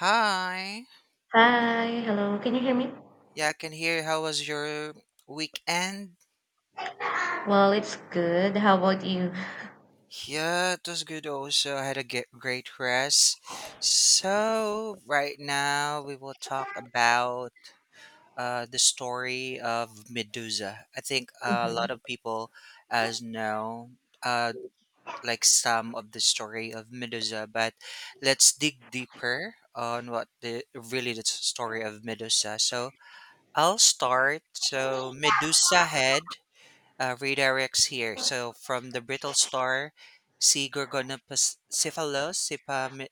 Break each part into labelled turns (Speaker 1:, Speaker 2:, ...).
Speaker 1: Hi.
Speaker 2: Hi, hello. Can you hear me?
Speaker 1: Yeah, I can hear. How was your weekend?
Speaker 2: Well, it's good. How about you?
Speaker 1: Yeah, it was good also. I had a great rest. So, right now we will talk about the story of Medusa. I think a
Speaker 2: Mhm.
Speaker 1: lot of people as know uh, like some of the story of Medusa, but let's dig deeper on what the really the story of Medusa. So, I'll start. So, Medusa head redirects here. So from the brittle star, C. gorgonopaciphalos, Cipa,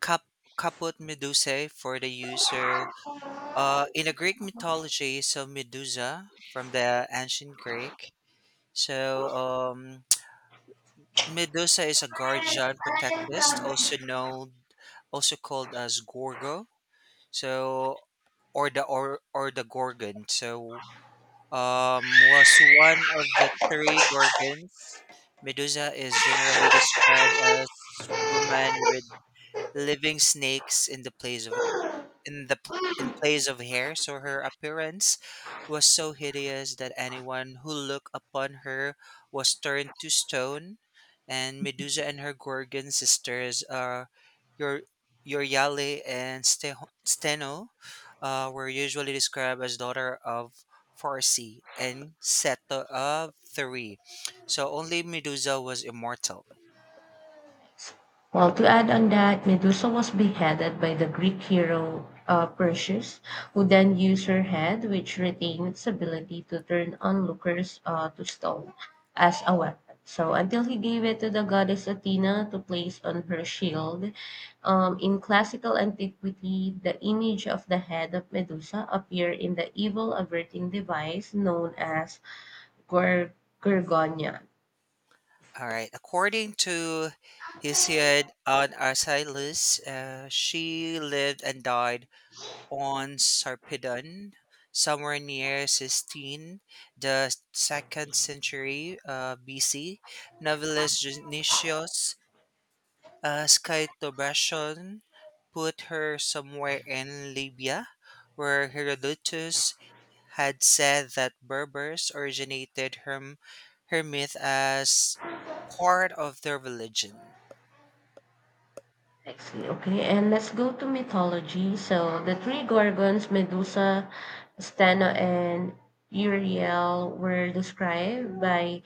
Speaker 1: cap, caput medusae for the user. In the Greek mythology, so Medusa from the ancient Greek. So, Medusa is a guardian protectress, also known, also called as Gorgo. So or the Gorgon. Was one of the three Gorgons. Medusa is generally described as woman with living snakes in the place of in place of hair, so her appearance was so hideous that anyone who looked upon her was turned to stone. And Medusa and her Gorgon sisters, your Euryale and Steno, were usually described as daughter of Farsi and Seto of Three. So only Medusa was immortal.
Speaker 2: Well, to add on that, Medusa was beheaded by the Greek hero, Perseus, who then used her head, which retained its ability to turn onlookers to stone, as a weapon. So, until he gave it to the goddess Athena to place on her shield, in classical antiquity, the image of the head of Medusa appeared in the evil averting device known as Gorg- Gorgonia.
Speaker 1: All right. According to Hesiod on Arcilus, she lived and died on Sarpedon, somewhere near Sistine, the second century BC. Novelist Genesios Skytobration put her somewhere in Libya, where Herodotus had said that Berbers originated her, her myth as part of their religion.
Speaker 2: Actually, okay, and let's go to mythology. So the three gorgons, Medusa, Steno, and Uriel, were described by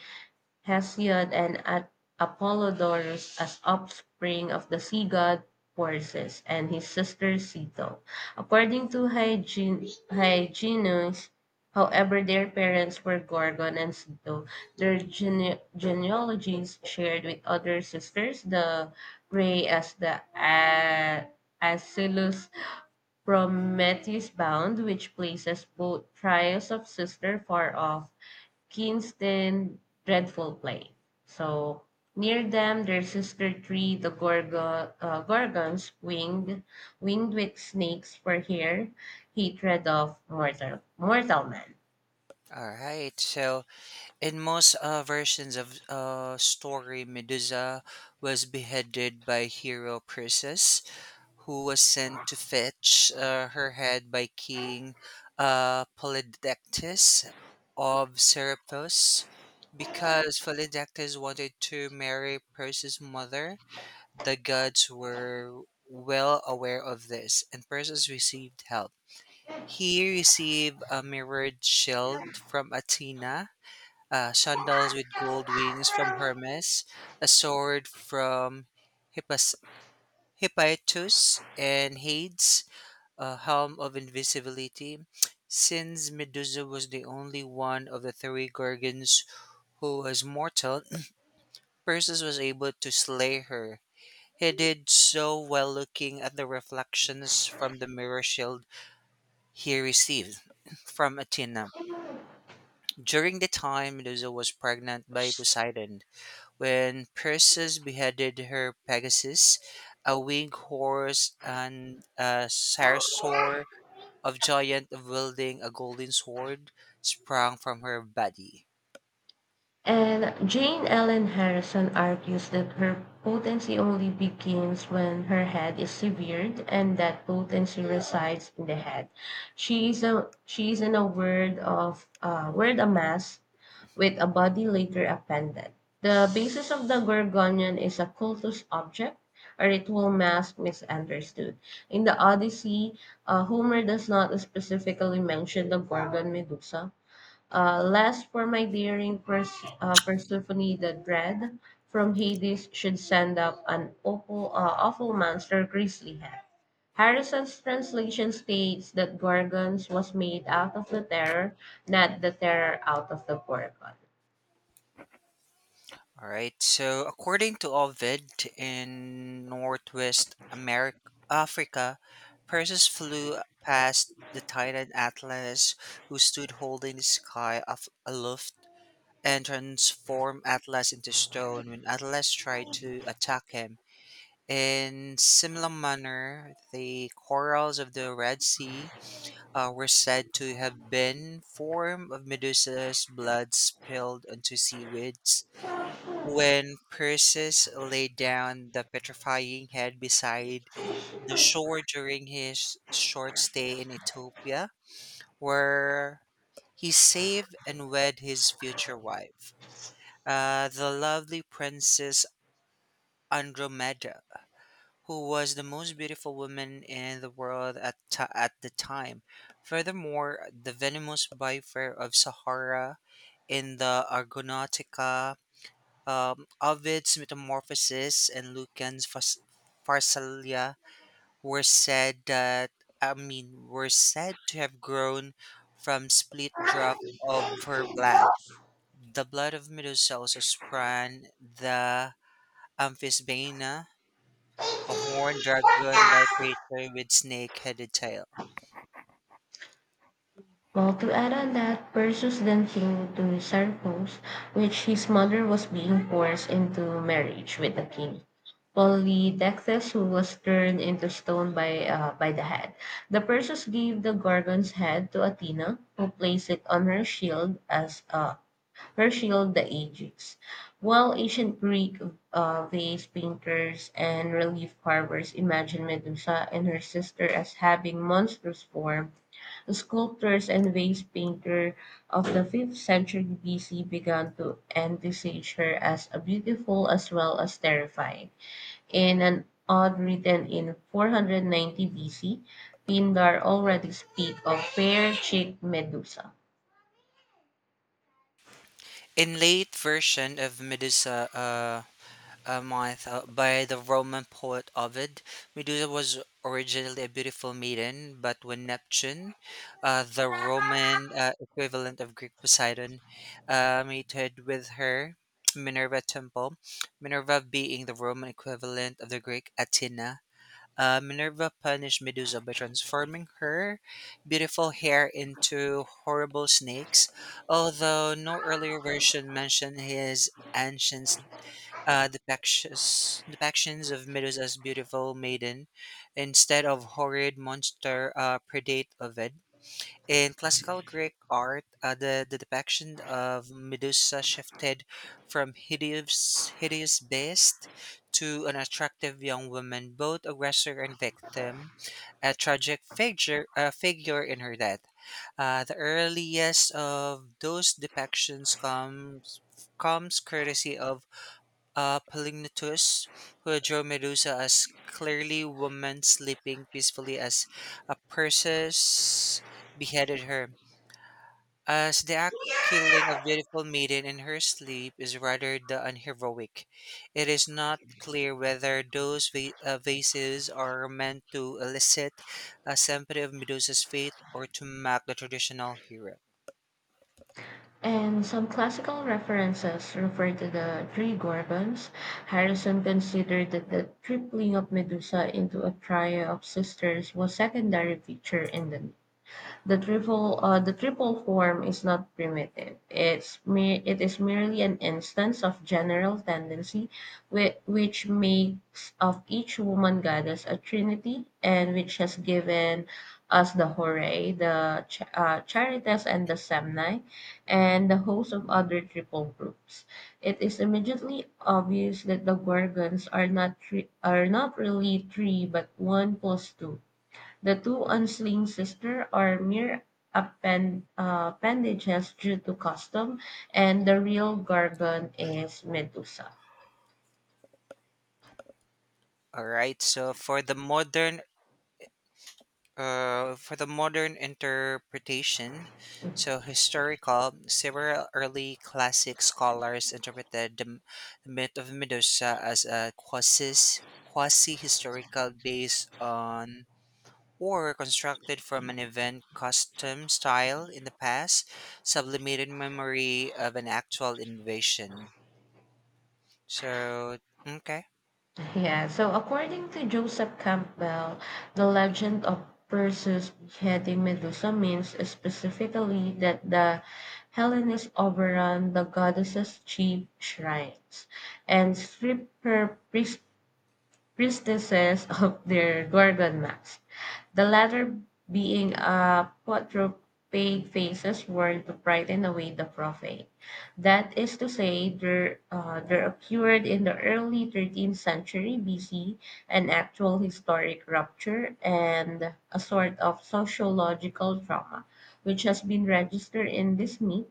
Speaker 2: Hesiod and at Apollodorus as offspring of the sea god Perseus and his sister Ceto. According to Hyginus, however, their parents were Gorgon and Ceto. Their genealogies shared with other sisters, the Grey as the Acilus Prometheus bound, which places both trios of sister far off Kingston dreadful play. So near them, their sister tree, the gorgon, gorgons, winged with snakes for here, hatred of mortal man.
Speaker 1: All right. So, in most versions of story, Medusa was beheaded by hero Perseus, who was sent to fetch her head by King Polydectes of Seriphus, because Polydectes wanted to marry Perseus' mother. The gods were well aware of this, and Perseus received help. He received a mirrored shield from Athena, sandals with gold wings from Hermes, a sword from Hippas- Hippoetus and Hades, a helm of invisibility. Since Medusa was the only one of the three Gorgons who was mortal, Perseus was able to slay her. He did so while looking at the reflections from the mirror shield he received from Athena. During the time Medusa was pregnant by Poseidon, when Perseus beheaded her, Pegasus, a winged horse, and a sarsaur of giant wielding a golden sword sprang from her body.
Speaker 2: And Jane Ellen Harrison argues that her potency only begins when her head is severed, and that potency resides in the head. She is in a word of word amass with a body later appended. The basis of the Gorgonian is a cultus object, a ritual mask misunderstood. In the Odyssey, Homer does not specifically mention the Gorgon Medusa, lest for my daring Persephone the dread from Hades should send up an awful monster grizzly head. Harrison's translation states that Gorgons was made out of the terror, not the terror out of the Gorgon.
Speaker 1: All right. So, according to Ovid, in Northwest America, Africa, Perseus flew past the titan Atlas, who stood holding the sky aloft, and transformed Atlas into stone when Atlas tried to attack him. In similar manner, the corals of the Red Sea were said to have been form of Medusa's blood spilled onto seaweeds when Perseus laid down the petrifying head beside the shore during his short stay in Ethiopia, where he saved and wed his future wife, the lovely princess Andromeda, who was the most beautiful woman in the world at the time. Furthermore, the venomous viper of Sahara in the Argonautica Ovid's Metamorphoses and Lucan's Pharsalia were said that were said to have grown from split drop of her blood. The blood of Medusa also sprang the Amphisbaena, a horned dragon-like creature with snake-headed tail.
Speaker 2: Well, to add on that, Perseus then came to Sarpos, which his mother was being forced into marriage with the king, Polydectes, who was turned into stone by the head. The Perseus gave the Gorgon's head to Athena, who placed it on her shield as her shield, the Aegis. While ancient Greek vase painters and relief carvers imagined Medusa and her sister as having monstrous form, the sculptors and vase painter of the 5th century BC began to envisage her as a beautiful as well as terrifying. In an ode written in 490 BC, Pindar already speaks of fair-cheeked Medusa.
Speaker 1: In late version of Medusa, a month by the Roman poet Ovid. Medusa was originally a beautiful maiden, but when Neptune, the Roman equivalent of Greek Poseidon, mated with her, Minerva temple, Minerva being the Roman equivalent of the Greek Athena. Minerva punished Medusa by transforming her beautiful hair into horrible snakes, although no earlier version mentioned his ancient depictions of Medusa as beautiful maiden instead of horrid monster predate Ovid. In classical Greek art, the depiction of Medusa shifted from hideous beast to an attractive young woman, both aggressor and victim, a tragic figure in her death. The earliest of those depictions comes courtesy of Polygnotus, who drew Medusa as clearly woman sleeping peacefully as a Perseus beheaded her. As the act killing a beautiful maiden in her sleep is rather the unheroic. It is not clear whether those vases are meant to elicit a sympathy of Medusa's fate or to mark the traditional hero.
Speaker 2: And some classical references refer to the three Gorgons. Harrison considered that the tripling of Medusa into a trio of sisters was secondary feature in the triple form is not primitive. It's me. It is merely an instance of general tendency which makes of each woman goddess a trinity and which has given us the Horae, the Charites, and the Semnae, and the host of other triple groups. It is immediately obvious that the Gorgons are not three, are not really three but one plus two. The two unsling sisters are mere appendages due to custom, and the real Gorgon is Medusa.
Speaker 1: All right, so for the modern interpretation, so historical, several early classic scholars interpreted the myth of Medusa as a quasi historical based on or constructed from an event custom style in the past, sublimated memory of an actual invasion. So okay.
Speaker 2: Yeah, so according to Joseph Campbell, the legend of Perseus beheading Medusa means specifically that the Hellenes overran the goddess's chief shrines and stripped her priestesses of their Gorgon masks, the latter being a quadruped faces worn to frighten away the prophet. That is to say, there appeared in the early 13th century BC an actual historic rupture and a sort of sociological trauma, which has been registered in this myth,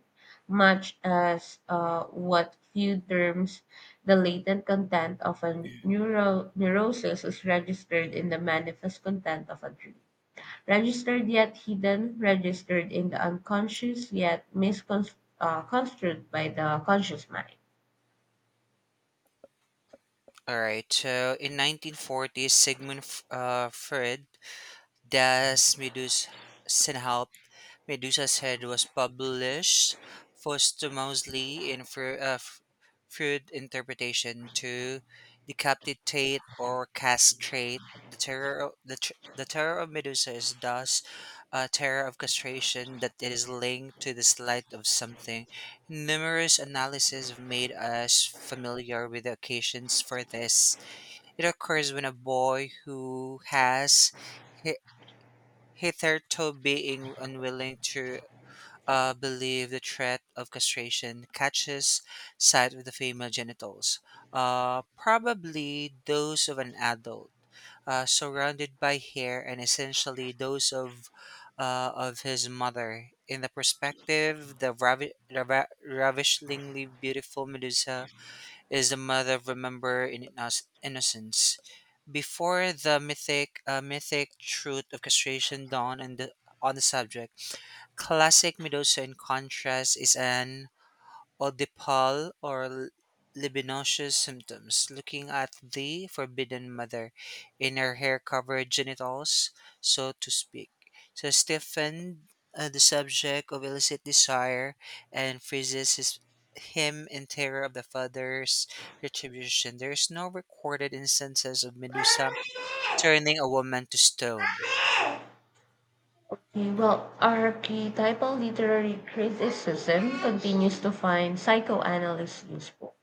Speaker 2: much as what few terms the latent content of a neurosis is registered in the manifest content of a dream registered yet hidden, registered in the unconscious yet misconstrued construed by the conscious mind.
Speaker 1: All right. So in 1940, Freud Das Senhaupt, Medusa's Head was published posthumously in Freud interpretation to decapitate or castrate. The terror of Medusa is thus a terror of castration that it is linked to the slight of something. Numerous analyses have made us familiar with the occasions for this. It occurs when a boy who has hitherto being unwilling to believe the threat of castration catches sight of the female genitals, probably those of an adult, surrounded by hair and essentially those of his mother. In the perspective, the, ravi- the ra- ravishingly beautiful Medusa is the mother of remember in innocence. Before the mythic truth of castration dawned on on the subject, classic Medusa in contrast is an Oedipal or libidinous symptoms, looking at the forbidden mother in her hair covered genitals, so to speak. So Stephen, the subject of illicit desire, and freezes him in terror of the father's retribution. There is no recorded instances of Medusa turning a woman to stone.
Speaker 2: Okay, well, archetypal literary criticism continues to find psychoanalysts useful.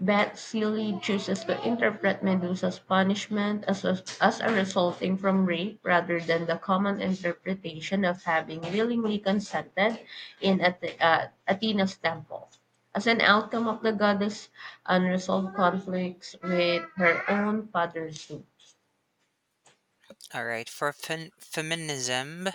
Speaker 2: But Celie chooses to interpret Medusa's punishment as a resulting from rape rather than the common interpretation of having willingly consented in Athena's temple. As an outcome of the goddess' unresolved conflicts with her own father Zeus.
Speaker 1: All right, for feminism.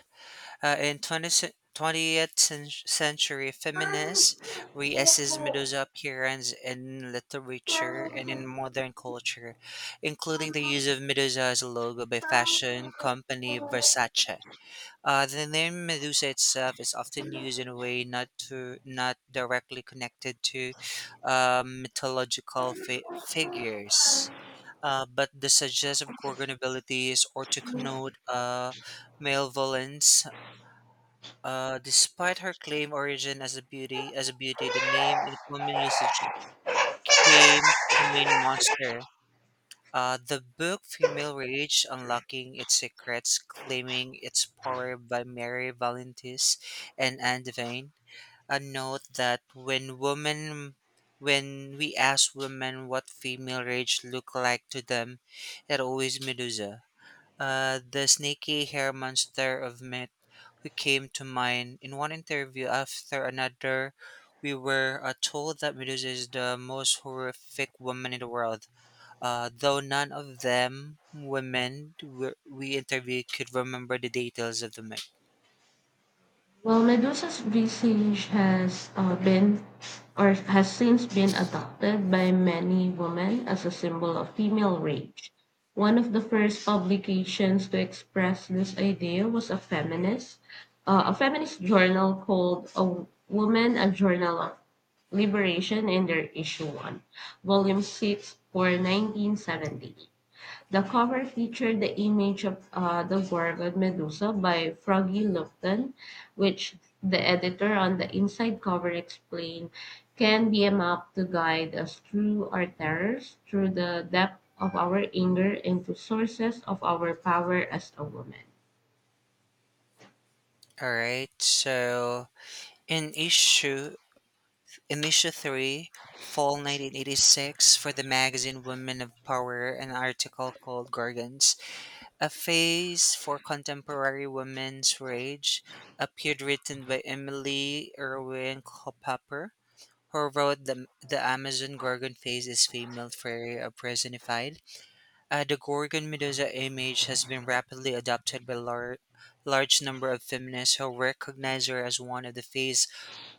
Speaker 1: 20th century, feminists reassess Medusa's appearance in literature and in modern culture, including the use of Medusa as a logo by fashion company Versace. The name Medusa itself is often used in a way not directly connected to mythological figures, but the suggestive gorgon abilities or to connote malevolence despite her claim origin as as a beauty, the name in common usage came to mean monster. The book Female Rage Unlocking Its Secrets, Claiming Its Power by Mary Valentis and Anne Devane. A note that when we ask women what female rage look like to them, it always Medusa, the snaky hair monster of myth who came to mind. In one interview after another, we were told that Medusa is the most horrific woman in the world. Though none of them women we interviewed could remember the details of the myth.
Speaker 2: Well, Medusa's visage has since been adopted by many women as a symbol of female rage. One of the first publications to express this idea was a feminist journal called A Woman, a Journal of Liberation in their issue 1, volume 6 for 1970. The cover featured the image of the gorgon Medusa by Froggy Lupton, which the editor on the inside cover explained can be a map to guide us through our terrors, through the depth of our anger, and to sources of our power as a woman.
Speaker 1: All right, so in issue in issue three, fall 1986, for the magazine Women of Power, an article called Gorgons A Phase for Contemporary Women's Rage appeared, written by Emily Irwin Culpepper, who wrote the Amazon Gorgon Phase is Female Fury of Personified. The Gorgon Medusa image has been rapidly adopted by large number of feminists who recognize her as one of the face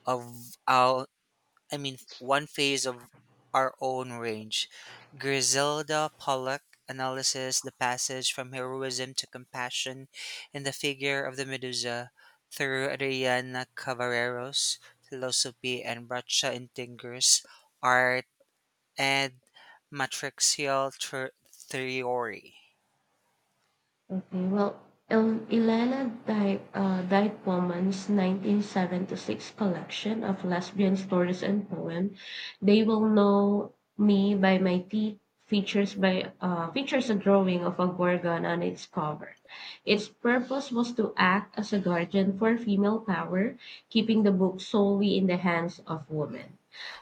Speaker 1: of our, one phase of our own range. Griselda Pollock analyzes the passage from heroism to compassion in the figure of the Medusa through Adriana Cavallero's philosophy and Bracha Intinger's art and matrixial theory.
Speaker 2: Okay, well, Elena Dykewoman's 1976 collection of lesbian stories and poems, They Will Know Me by My Teeth, features a drawing of a gorgon on its cover. Its purpose was to act as a guardian for female power, keeping the book solely in the hands of women.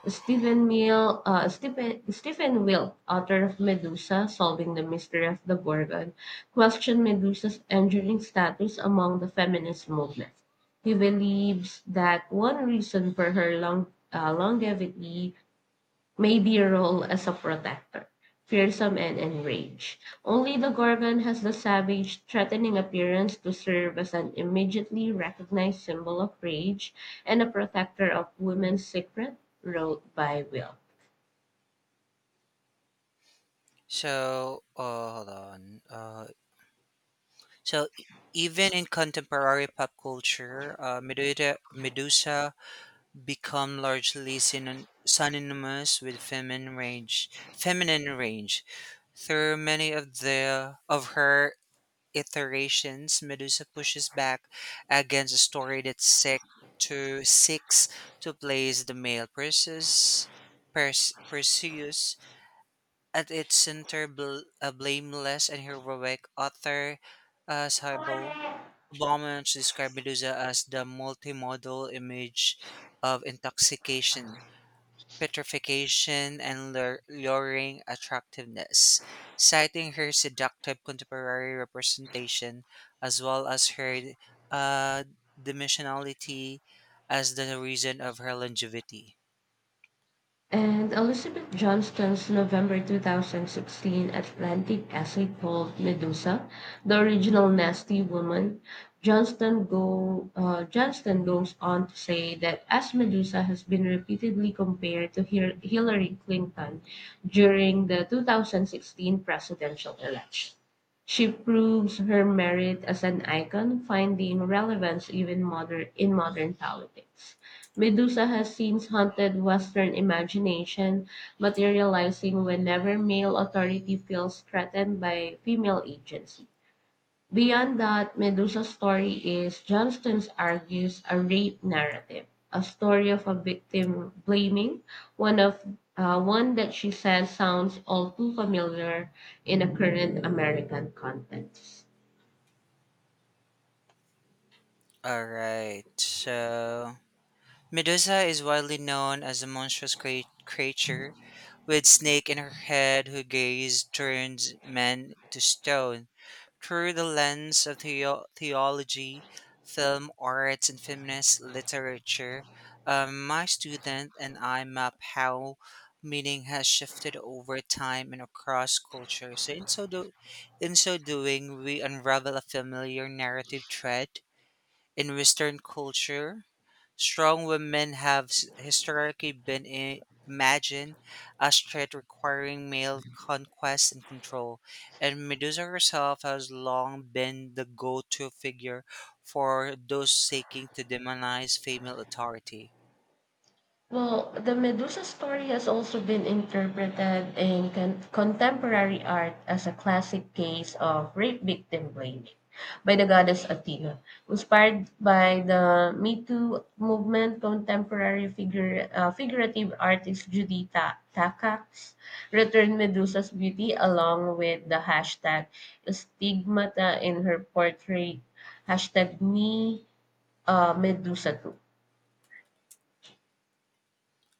Speaker 2: Stephen Wilk, author of Medusa, Solving the Mystery of the Gorgon, questioned Medusa's enduring status among the feminist movement. He believes that one reason for her longevity may be her role as a protector, fearsome and enraged. Only the Gorgon has the savage, threatening appearance to serve as an immediately recognized symbol of rage and a protector of women's secret, wrote by Will.
Speaker 1: So, hold on. So, e- Even in contemporary pop culture, Medusa become largely synonymous with feminine rage. Feminine rage. Through many of the of her iterations, Medusa pushes back against a story that seeks to place the male Perseus at its center, a blameless and heroic author, Cybo. Baumans described Medusa as the multimodal image of intoxication petrification and luring attractiveness, citing her seductive contemporary representation as well as her uh, dimensionality as the reason of her longevity.
Speaker 2: And Elizabeth Johnston's November 2016 Atlantic essay called Medusa, the original nasty woman, Johnston goes on to say that as Medusa has been repeatedly compared to Hillary Clinton during the 2016 presidential election. She proves her merit as an icon, finding relevance even in modern politics. Medusa has since haunted Western imagination, materializing whenever male authority feels threatened by female agency. Beyond that, Medusa's story is, Johnston argues, a rape narrative, a story of a victim blaming, one of one that she says sounds all too familiar in a current American context.
Speaker 1: All right, so Medusa is widely known as a monstrous creature with snake in her head who gaze turns men to stone. Through the lens of theology, film arts, and feminist literature, my student and I map how meaning has shifted over time and across culture. So, in so doing, we unravel a familiar narrative thread in Western culture. Strong women have historically been imagined as threat requiring male conquest and control, and Medusa herself has long been the go to figure for those seeking to demonize female authority.
Speaker 2: Well, the Medusa story has also been interpreted in contemporary art as a classic case of rape victim blaming by the goddess Athena. Inspired by the Me Too movement, contemporary figurative artist Judy Takacs returned Medusa's beauty along with the hashtag stigmata in her portrait, hashtag me Medusa too.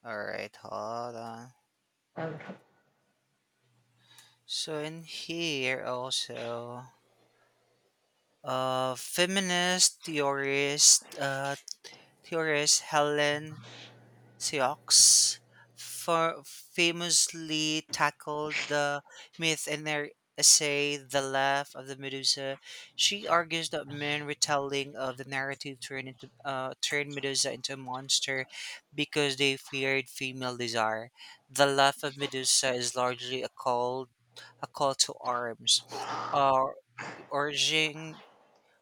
Speaker 1: Alright, hold on.
Speaker 2: Okay.
Speaker 1: So, in here also, uh, feminist theorist, uh, theorist Helen Sioux for famously tackled the myth in their essay The Laugh of the Medusa. She argues that men retelling of the narrative turned Medusa into a monster because they feared female desire. The Laugh of Medusa is largely a call to arms, uh, urging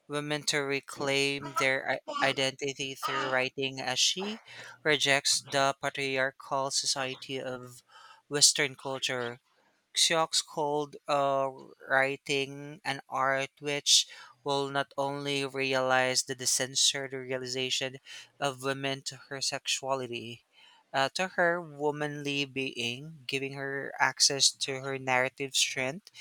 Speaker 1: women to reclaim their identity through writing as she rejects the patriarchal society of Western culture. Xiox called writing an art which will not only realize the censored realization of women to her sexuality, to her womanly being, giving her access to her narrative strength.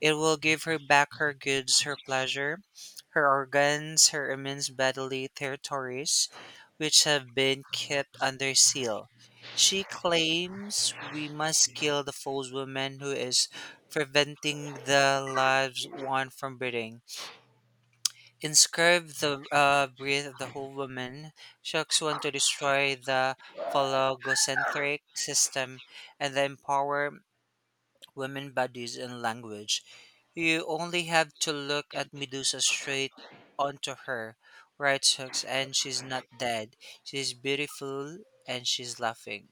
Speaker 1: It will give her back her goods, her pleasure, her organs, her immense bodily territories, which have been kept under seal. She claims we must kill the false woman who is preventing the lives one from breathing. Inscribe the breath of the whole woman, shocks one to destroy the phallocentric system and the empower women bodies and language. You only have to look at Medusa straight onto her, writes Hooks, and she's not dead. She's beautiful and she's laughing.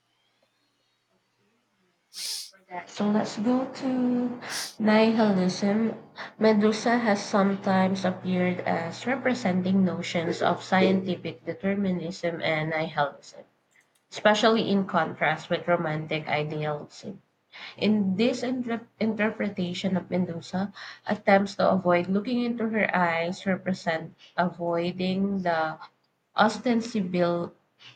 Speaker 2: So let's go to nihilism. Medusa has sometimes appeared as representing notions of scientific determinism and nihilism, especially in contrast with romantic idealism. In this interpretation of Medusa, attempts to avoid looking into her eyes represent avoiding the ostensibil-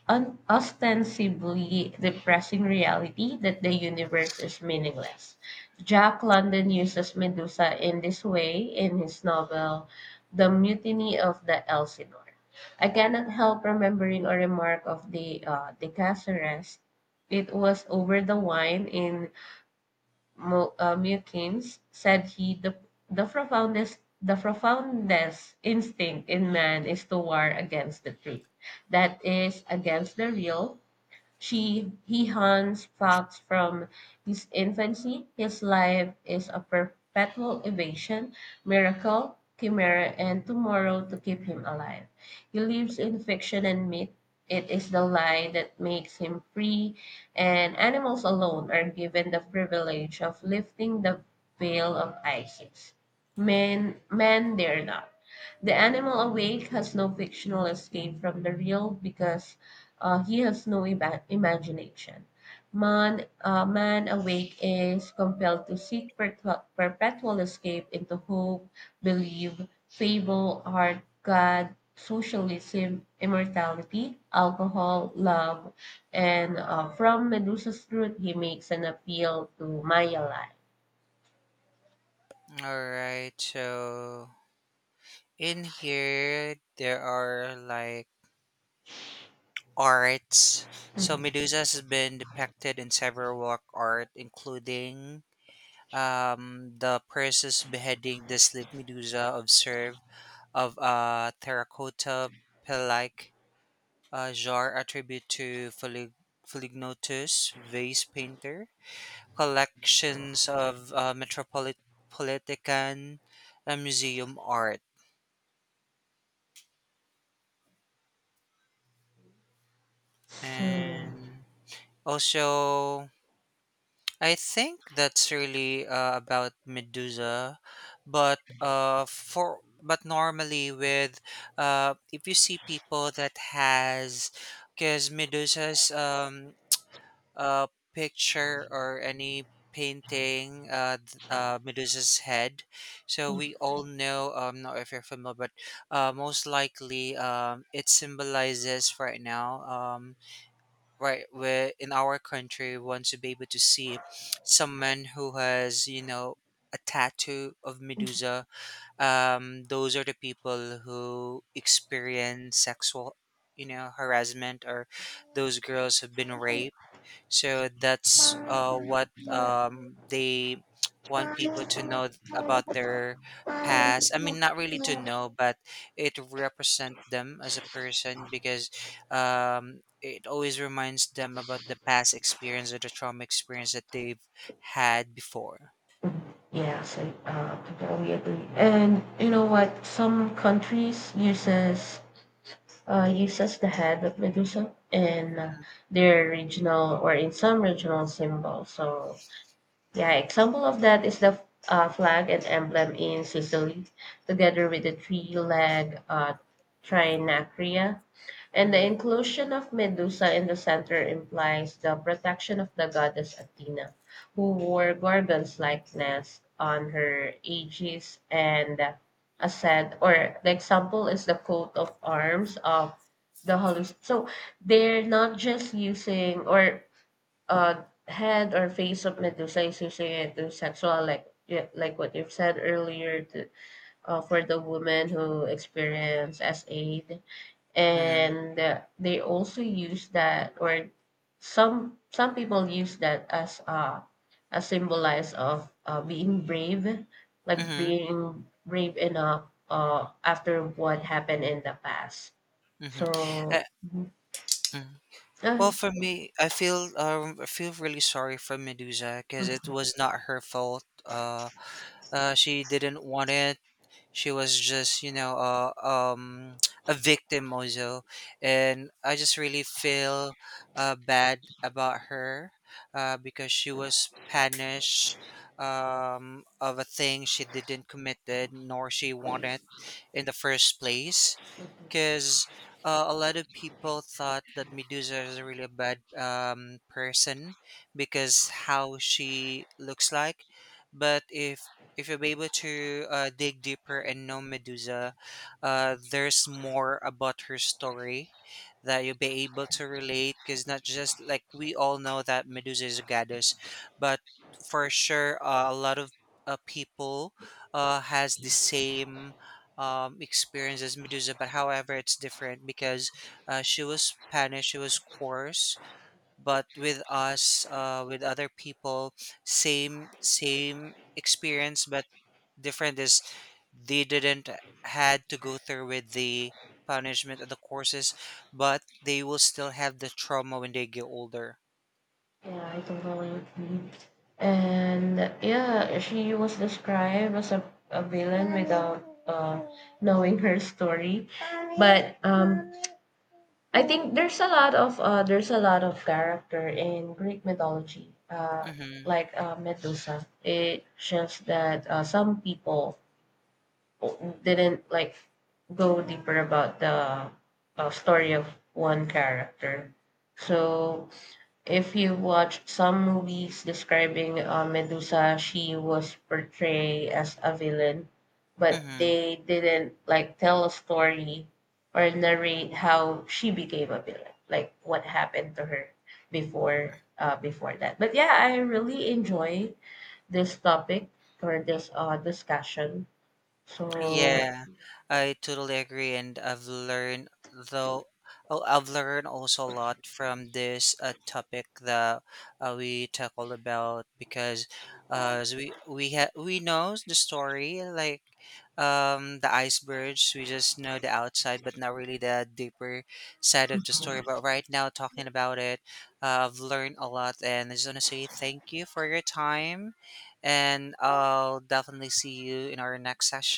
Speaker 2: ostensibly depressing reality that the universe is meaningless. Jack London uses Medusa in this way in his novel The Mutiny of the Elsinore. I cannot help remembering a remark of the De Caceres. It was over the wine in Mukins, said he, the profoundest instinct in man is to war against the truth, that is, against the real, she he hunts fox from his infancy. His life is a perpetual evasion, miracle, chimera, and tomorrow to keep him alive. He lives in fiction and myth. It is the lie that makes him free, and animals alone are given the privilege of lifting the veil of Isis. Men dare not. The animal awake has no fictional escape from the real because he has no imagination. Man awake is compelled to seek perpetual escape into hope, belief, fable, art, God, socialism, immortality, alcohol, love, and from Medusa's truth, he makes an appeal to Maya life.
Speaker 1: Alright, so in here there are like arts. So
Speaker 2: Mhm.
Speaker 1: Medusa has been depicted in several work art, including the Perseus beheading the sleep Medusa observe of a terracotta pelike, a jar attribute to Philignotus, vase painter, collections of Metropolitan Museum art. And also, I think that's really about Medusa, but for but normally with if you see people that has, because Medusa's uh, picture or any painting Medusa's head. So we all know, not if you're familiar, but most likely, it symbolizes right now, right, where in our country, we want to be able to see someone who has, you know, a tattoo of Medusa. Those are the people who experience sexual, you know, harassment, or those girls have been raped, so that's what they want people to know about their past. I mean, not really to
Speaker 2: So,
Speaker 1: know, but it represent them as a person because it always reminds them about the past experience or the trauma experience that they've had before.
Speaker 2: yeah, so totally agree. And you know what? Some countries uses the head of Medusa in their regional or in some regional symbol. So yeah, example of that is the flag and emblem in Sicily, together with the three-leg trinacria and the
Speaker 1: Mm-hmm.
Speaker 2: inclusion of Medusa in the center implies the protection of the goddess Athena, who wore Gorgon's likeness on her aegis and ascent. Or the example is the coat of arms of the holy. So they're not just using or head or face of Medusa is using it to sexual like yeah, like what you've said earlier to, for the woman who experience as aid
Speaker 1: Mm-hmm.
Speaker 2: and they also use that or some people use that as a symbolize of being brave like
Speaker 1: Mm-hmm.
Speaker 2: being brave enough after what happened in the past,
Speaker 1: Mm-hmm. Uh,
Speaker 2: so mhm.
Speaker 1: mm.
Speaker 2: Ah,
Speaker 1: Well, for me, I feel really sorry for Medusa because it
Speaker 2: mhm.
Speaker 1: was not her fault. She didn't want it. She was just, you know, a victim also, and I just really feel bad about her because she was punished of a thing she didn't committed nor she wanted in the first place, because a lot of people thought that Medusa is really a really bad person because how she looks like. But if you're able to dig deeper and know Medusa, there's more about her story that you'll be able to relate. Because not just like we all know that Medusa is a goddess, but for sure a lot of people has the same experience as Medusa, but however, it's different because she was Spanish, she was coarse, but with us, with other people, same experience, but different is they didn't had to go through with the punishment of the courses, but they will still have the trauma when they get older.
Speaker 2: Yeah, I totally agree, and yeah, she was described as a villain without knowing her story, but I think there's a lot of character in Greek mythology,
Speaker 1: Mm-hmm.
Speaker 2: like Medusa. It shows that some people didn't like go deeper about the story of one character. So if you've watched some movies describing Medusa, she was portrayed as a villain, but
Speaker 1: Mm-hmm.
Speaker 2: they didn't like tell a story or narrate how she became a villain, like what happened to her before that. But yeah, I really enjoy this topic or this discussion. So
Speaker 1: Yeah, I totally agree, and I've learned though, oh, I've learned also a lot from this topic that we tackled about, because as we know the story like the icebergs. We just know the outside but not really the deeper side of the story. But right now talking about it, I've learned a lot, and I just want to say thank you for your time, and I'll definitely see you in our next session.